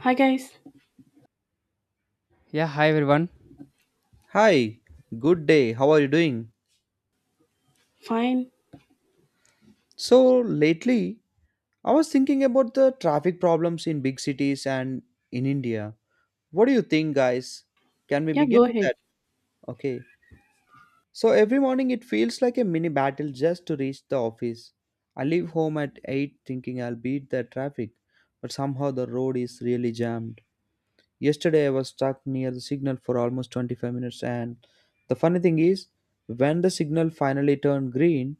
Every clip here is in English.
Hi guys. Yeah, hi everyone. Hi, good day. How are you doing? Fine. So, lately, I was thinking about the traffic problems in big cities and in India. What do you think, guys? Can we Yeah, go begin with ahead. that? Okay. So, every morning it feels like a mini battle just to reach the office. I leave home at 8 thinking I'll beat the traffic, but somehow the road is really jammed. Yesterday I was stuck near the signal for almost 25 minutes and the funny thing is when the signal finally turned green,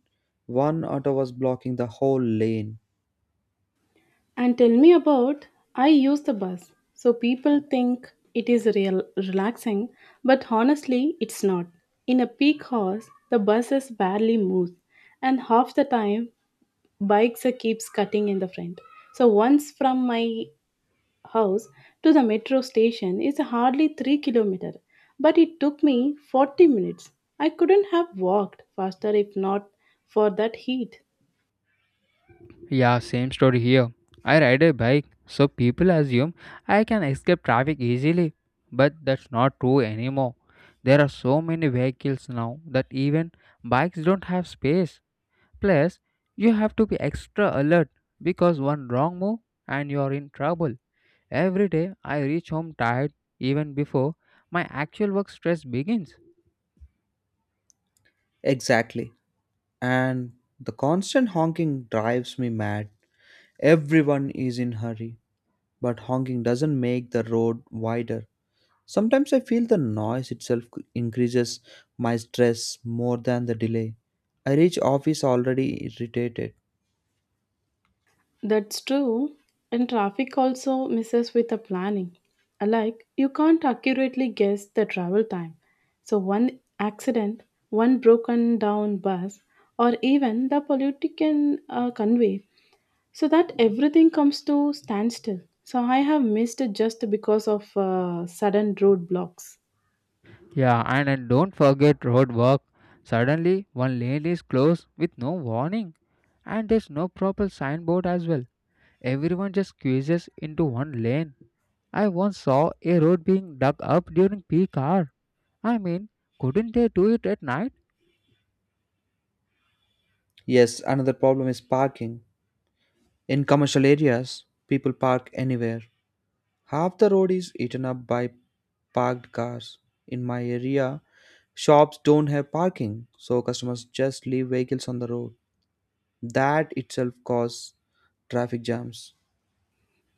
one auto was blocking the whole lane. And tell me about I use the bus. So people think it is real relaxing, but honestly it's not. In a peak hours, the buses barely move and half the time bikes are keeps cutting in the front. So once from my house to the metro station is hardly 3 kilometer, but it took me 40 minutes. I couldn't have walked faster if not for that heat. Yeah, same story here. I ride a bike, so people assume I can escape traffic easily. But that's not true anymore. There are so many vehicles now that even bikes don't have space. Plus, you have to be extra alert because one wrong move and you are in trouble. Every day I reach home tired even before my actual work stress begins. Exactly. And the constant honking drives me mad. Everyone is in hurry, but honking doesn't make the road wider. Sometimes I feel the noise itself increases my stress more than the delay. I reach office already irritated. That's true. And traffic also messes with the planning. Like, you can't accurately guess the travel time. So, one accident, one broken down bus, or even the political convey, so that everything comes to standstill. So, I have missed it just because of sudden roadblocks. Yeah, and don't forget road work. Suddenly, one lane is closed with no warning, and there's no proper signboard as well. Everyone just squeezes into one lane. I once saw a road being dug up during peak hour. I mean, couldn't they do it at night? Yes, another problem is parking. In commercial areas, people park anywhere. Half the road is eaten up by parked cars. In my area, shops don't have parking, so customers just leave vehicles on the road. That itself causes traffic jams.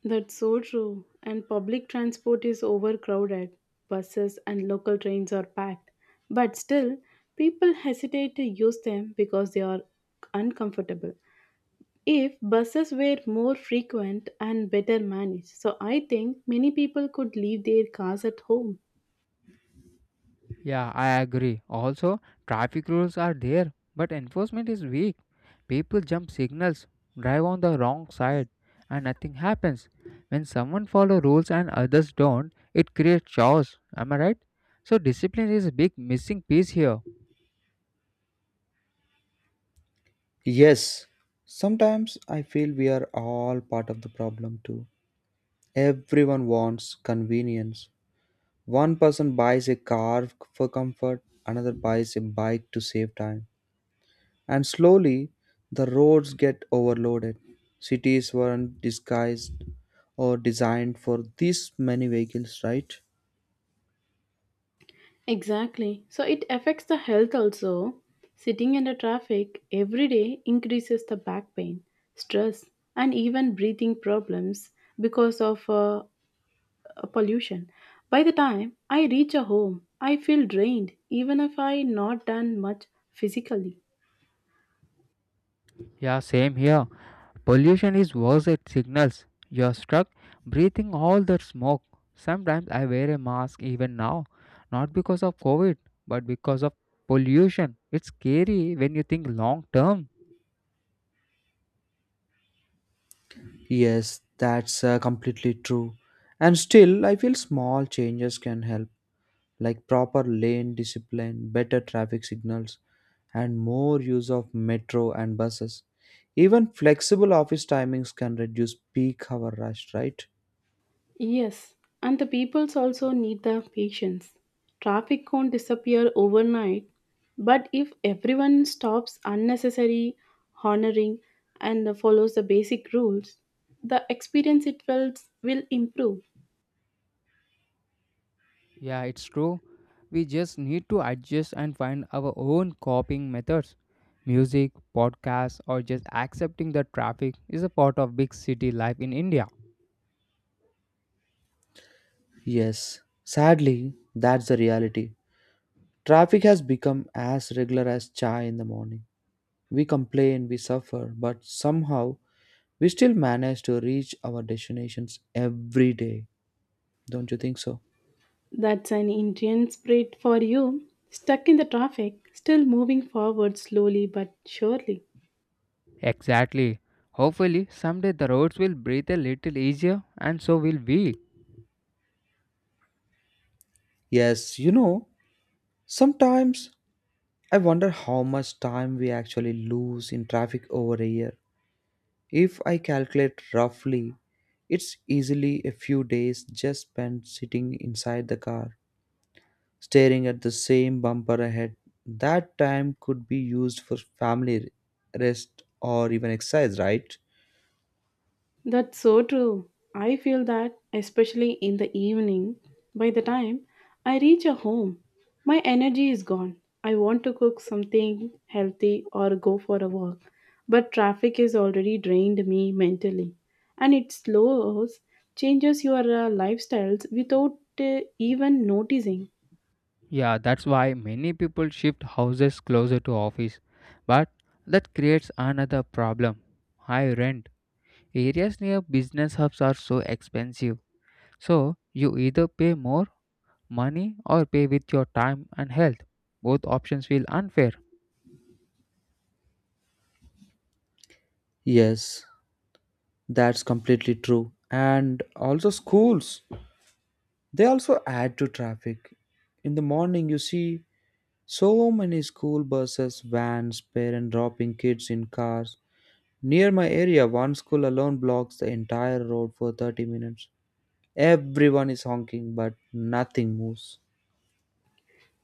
That's so true. And public transport is overcrowded. Buses and local trains are packed. But still, people hesitate to use them because they are uncomfortable. If buses were more frequent and better managed, so I think many people could leave their cars at home. Yeah, I agree. Also, traffic rules are there, but enforcement is weak. People jump signals, drive on the wrong side, and nothing happens. When someone follow rules and others don't, it creates chaos. Am I right? So discipline is a big missing piece here. Yes, sometimes I feel we are all part of the problem too. Everyone wants convenience. One person buys a car for comfort, another buys a bike to save time, and slowly the roads get overloaded. Cities weren't disguised or designed for this many vehicles, right? Exactly. So it affects the health also. Sitting in the traffic every day increases the back pain, stress, and even breathing problems because of pollution. By the time I reach a home, I feel drained even if I not done much physically. Yeah, same here. Pollution is worse at signals. You're stuck breathing all that smoke. Sometimes I wear a mask even now, not because of COVID, but because of pollution. It's scary when you think long term. Yes, that's completely true. And still, I feel small changes can help, like proper lane discipline, better traffic signals, and more use of metro and buses. Even flexible office timings can reduce peak hour rush, right? Yes, and the peoples also need the patience. Traffic won't disappear overnight, but if everyone stops unnecessary honoring and follows the basic rules, the experience it will improve. Yeah, it's true. We just need to adjust and find our own coping methods. Music, podcasts, or just accepting that traffic is a part of big city life in India. Yes, sadly, that's the reality. Traffic has become as regular as chai in the morning. We complain, we suffer, but somehow we still manage to reach our destinations every day. Don't you think so? That's an Indian spirit for you. Stuck in the traffic, still moving forward slowly but surely. Exactly. Hopefully, someday the roads will breathe a little easier, and so will we. Yes, you know, sometimes I wonder how much time we actually lose in traffic over a year. If I calculate roughly, it's easily a few days just spent sitting inside the car staring at the same bumper ahead. That time could be used for family, rest, or even exercise, right? That's so true. I feel that, especially in the evening, by the time I reach a home, my energy is gone. I want to cook something healthy or go for a walk, but traffic has already drained me mentally. And it slows, changes your lifestyles without even noticing. Yeah, that's why many people shift houses closer to office. But that creates another problem. High rent. Areas near business hubs are so expensive. So you either pay more money or pay with your time and health. Both options feel unfair. Yes, that's completely true. And also, schools, they also add to traffic. In the morning, you see so many school buses, vans, parents dropping kids in cars. Near my area, one school alone blocks the entire road for 30 minutes. Everyone is honking, but nothing moves.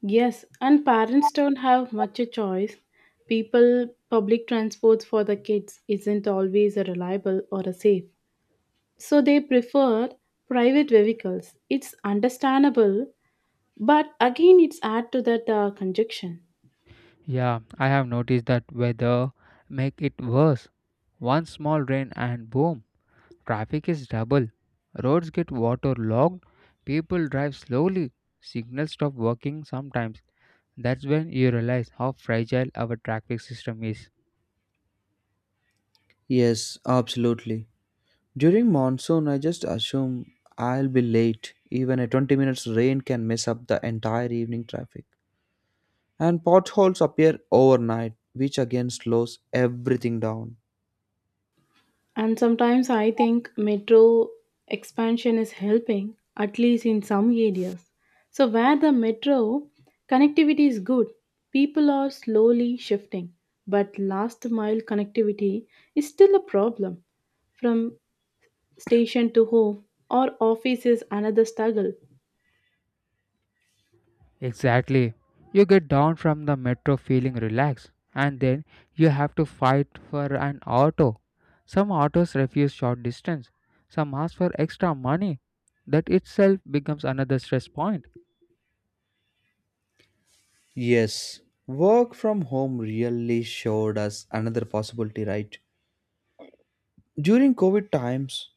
Yes, and parents don't have much a choice. People, public transports for the kids isn't always reliable or safe so they prefer private vehicles. It's understandable, but again, it's add to that conjunction. Yeah, I have noticed that weather make it worse. One small rain and boom, traffic is double. Roads get waterlogged, people drive slowly, signals stop working sometimes. That's when you realize how fragile our traffic system is. Yes, absolutely. During monsoon, I just assume I'll be late. Even a 20 minutes rain can mess up the entire evening traffic. And potholes appear overnight, which again slows everything down. And sometimes I think metro expansion is helping, at least in some areas. So where the metro connectivity is good, people are slowly shifting, but last mile connectivity is still a problem. From station to home or office is another struggle. Exactly. You get down from the metro feeling relaxed, and then you have to fight for an auto. Some autos refuse short distance, some ask for extra money. That itself becomes another stress point. Yes, work from home really showed us another possibility, right? During COVID times,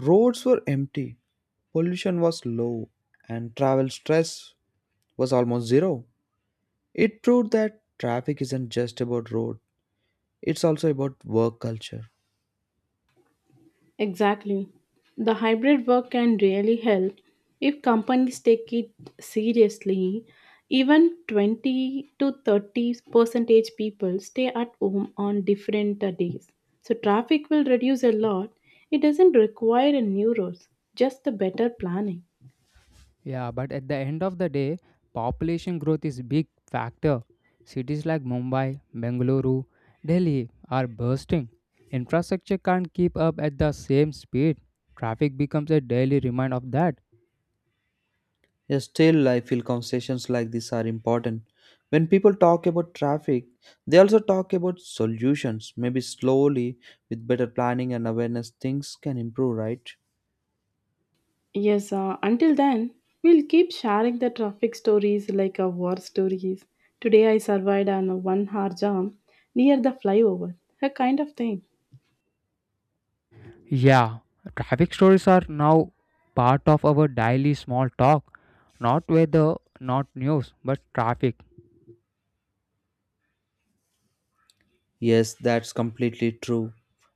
roads were empty, pollution was low, and travel stress was almost zero. It proved that traffic isn't just about road, it's also about work culture. Exactly. The hybrid work can really help if companies take it seriously. Even 20 to 30 percentage people stay at home on different days. So traffic will reduce a lot. It doesn't require a new roads, just the better planning. Yeah, but at the end of the day, population growth is big factor. Cities like Mumbai, Bengaluru, Delhi are bursting. Infrastructure can't keep up at the same speed. Traffic becomes a daily reminder of that. Yet still, I feel conversations like this are important. When people talk about traffic, they also talk about solutions. Maybe slowly, with better planning and awareness, things can improve, right? Yes, until then, we'll keep sharing the traffic stories like our war stories. Today I survived on a 1 hour jam near the flyover, a kind of thing. Yeah, traffic stories are now part of our daily small talk. Not weather, not news, but traffic. Yes, that's completely true.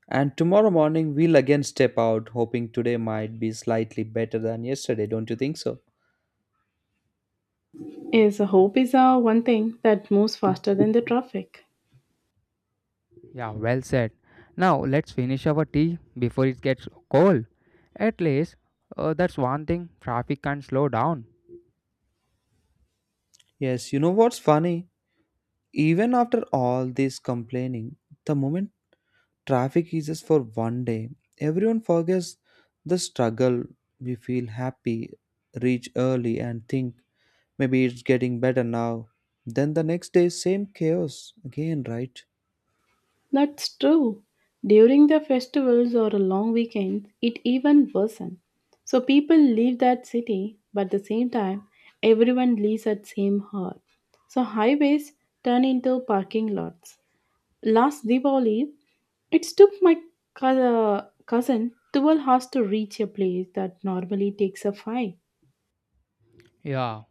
And tomorrow morning, we'll again step out, hoping today might be slightly better than yesterday, don't you think so? Yes, hope is one thing that moves faster than the traffic. Yeah, well said. Now let's finish our tea before it gets cold. At least that's one thing traffic can slow down. Yes, you know what's funny? Even after all this complaining, the moment traffic eases for one day, everyone forgets the struggle. We feel happy, reach early, and think maybe it's getting better now. Then the next day, same chaos again, right? That's true. During the festivals or a long weekends, it even worsens. So people leave that city, but at the same time, everyone leaves at same hour. So highways turn into parking lots. Last Diwali, it took my cou- cousin 12 hours to reach a place that normally takes a five. Yeah,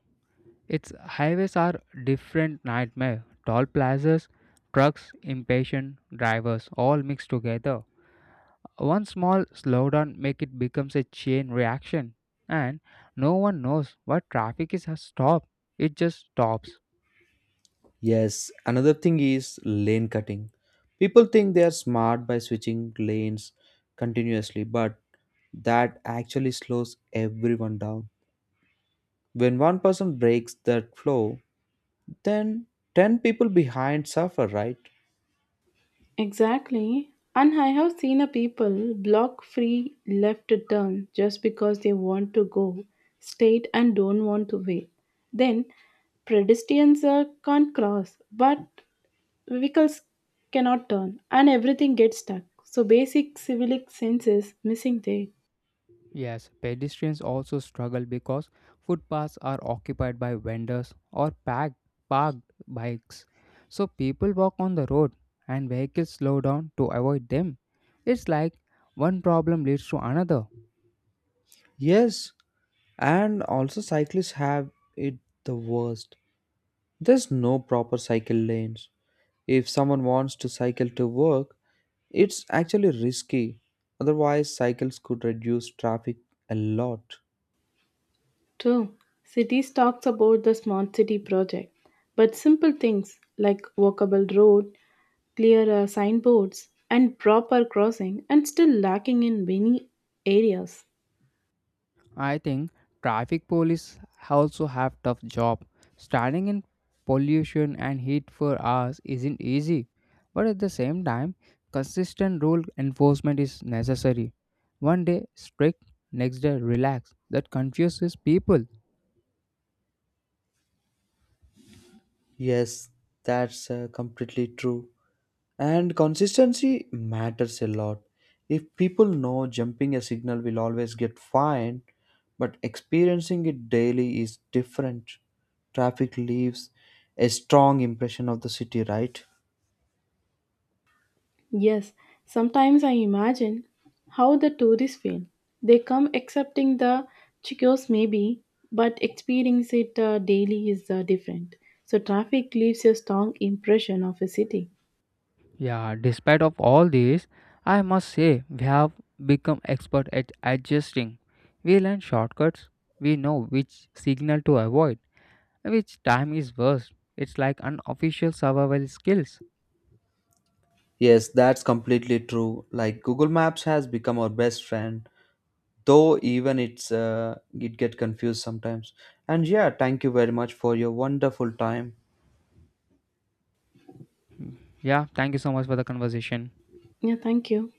its highways are different nightmare. Tall plazas, trucks, impatient drivers, all mixed together. One small slowdown make it becomes a chain reaction, and no one knows what traffic is has stopped. It just stops. Yes, another thing is lane cutting. People think they are smart by switching lanes continuously, but that actually slows everyone down. When one person breaks that flow, then 10 people behind suffer, right? Exactly. And I have seen a people block free left turn just because they want to go straight and don't want to wait. Then pedestrians can't cross, but vehicles cannot turn, and everything gets stuck. So basic civic sense is missing there. Yes, pedestrians also struggle because footpaths are occupied by vendors or packed, parked bikes. So people walk on the road and vehicles slow down to avoid them. It's like one problem leads to another. Yes, and also, cyclists have it the worst. There's no proper cycle lanes. If someone wants to cycle to work, it's actually risky. Otherwise, cycles could reduce traffic a lot. True, cities talks about the smart city project, but simple things like walkable road, clearer signboards, and proper crossing and still lacking in many areas. I think traffic police also have tough job. Standing in pollution and heat for hours isn't easy, but at the same time, consistent rule enforcement is necessary. One day strict, next day relaxed. That confuses people. Yes, that's completely true. And consistency matters a lot. If people know jumping a signal will always get fined, but experiencing it daily is different. Traffic leaves a strong impression of the city, right? Yes, sometimes I imagine how the tourists feel. They come accepting the chicos maybe, but experience it daily is different. So traffic leaves a strong impression of a city. Yeah, despite of all this, I must say we have become expert at adjusting. We learn shortcuts. We know which signal to avoid which time is worse. It's like unofficial survival skills. Yes, that's completely true. Like Google Maps has become our best friend, though even it get confused sometimes. And yeah, thank you very much for your wonderful time. Hmm. Yeah, thank you so much for the conversation. Yeah, thank you.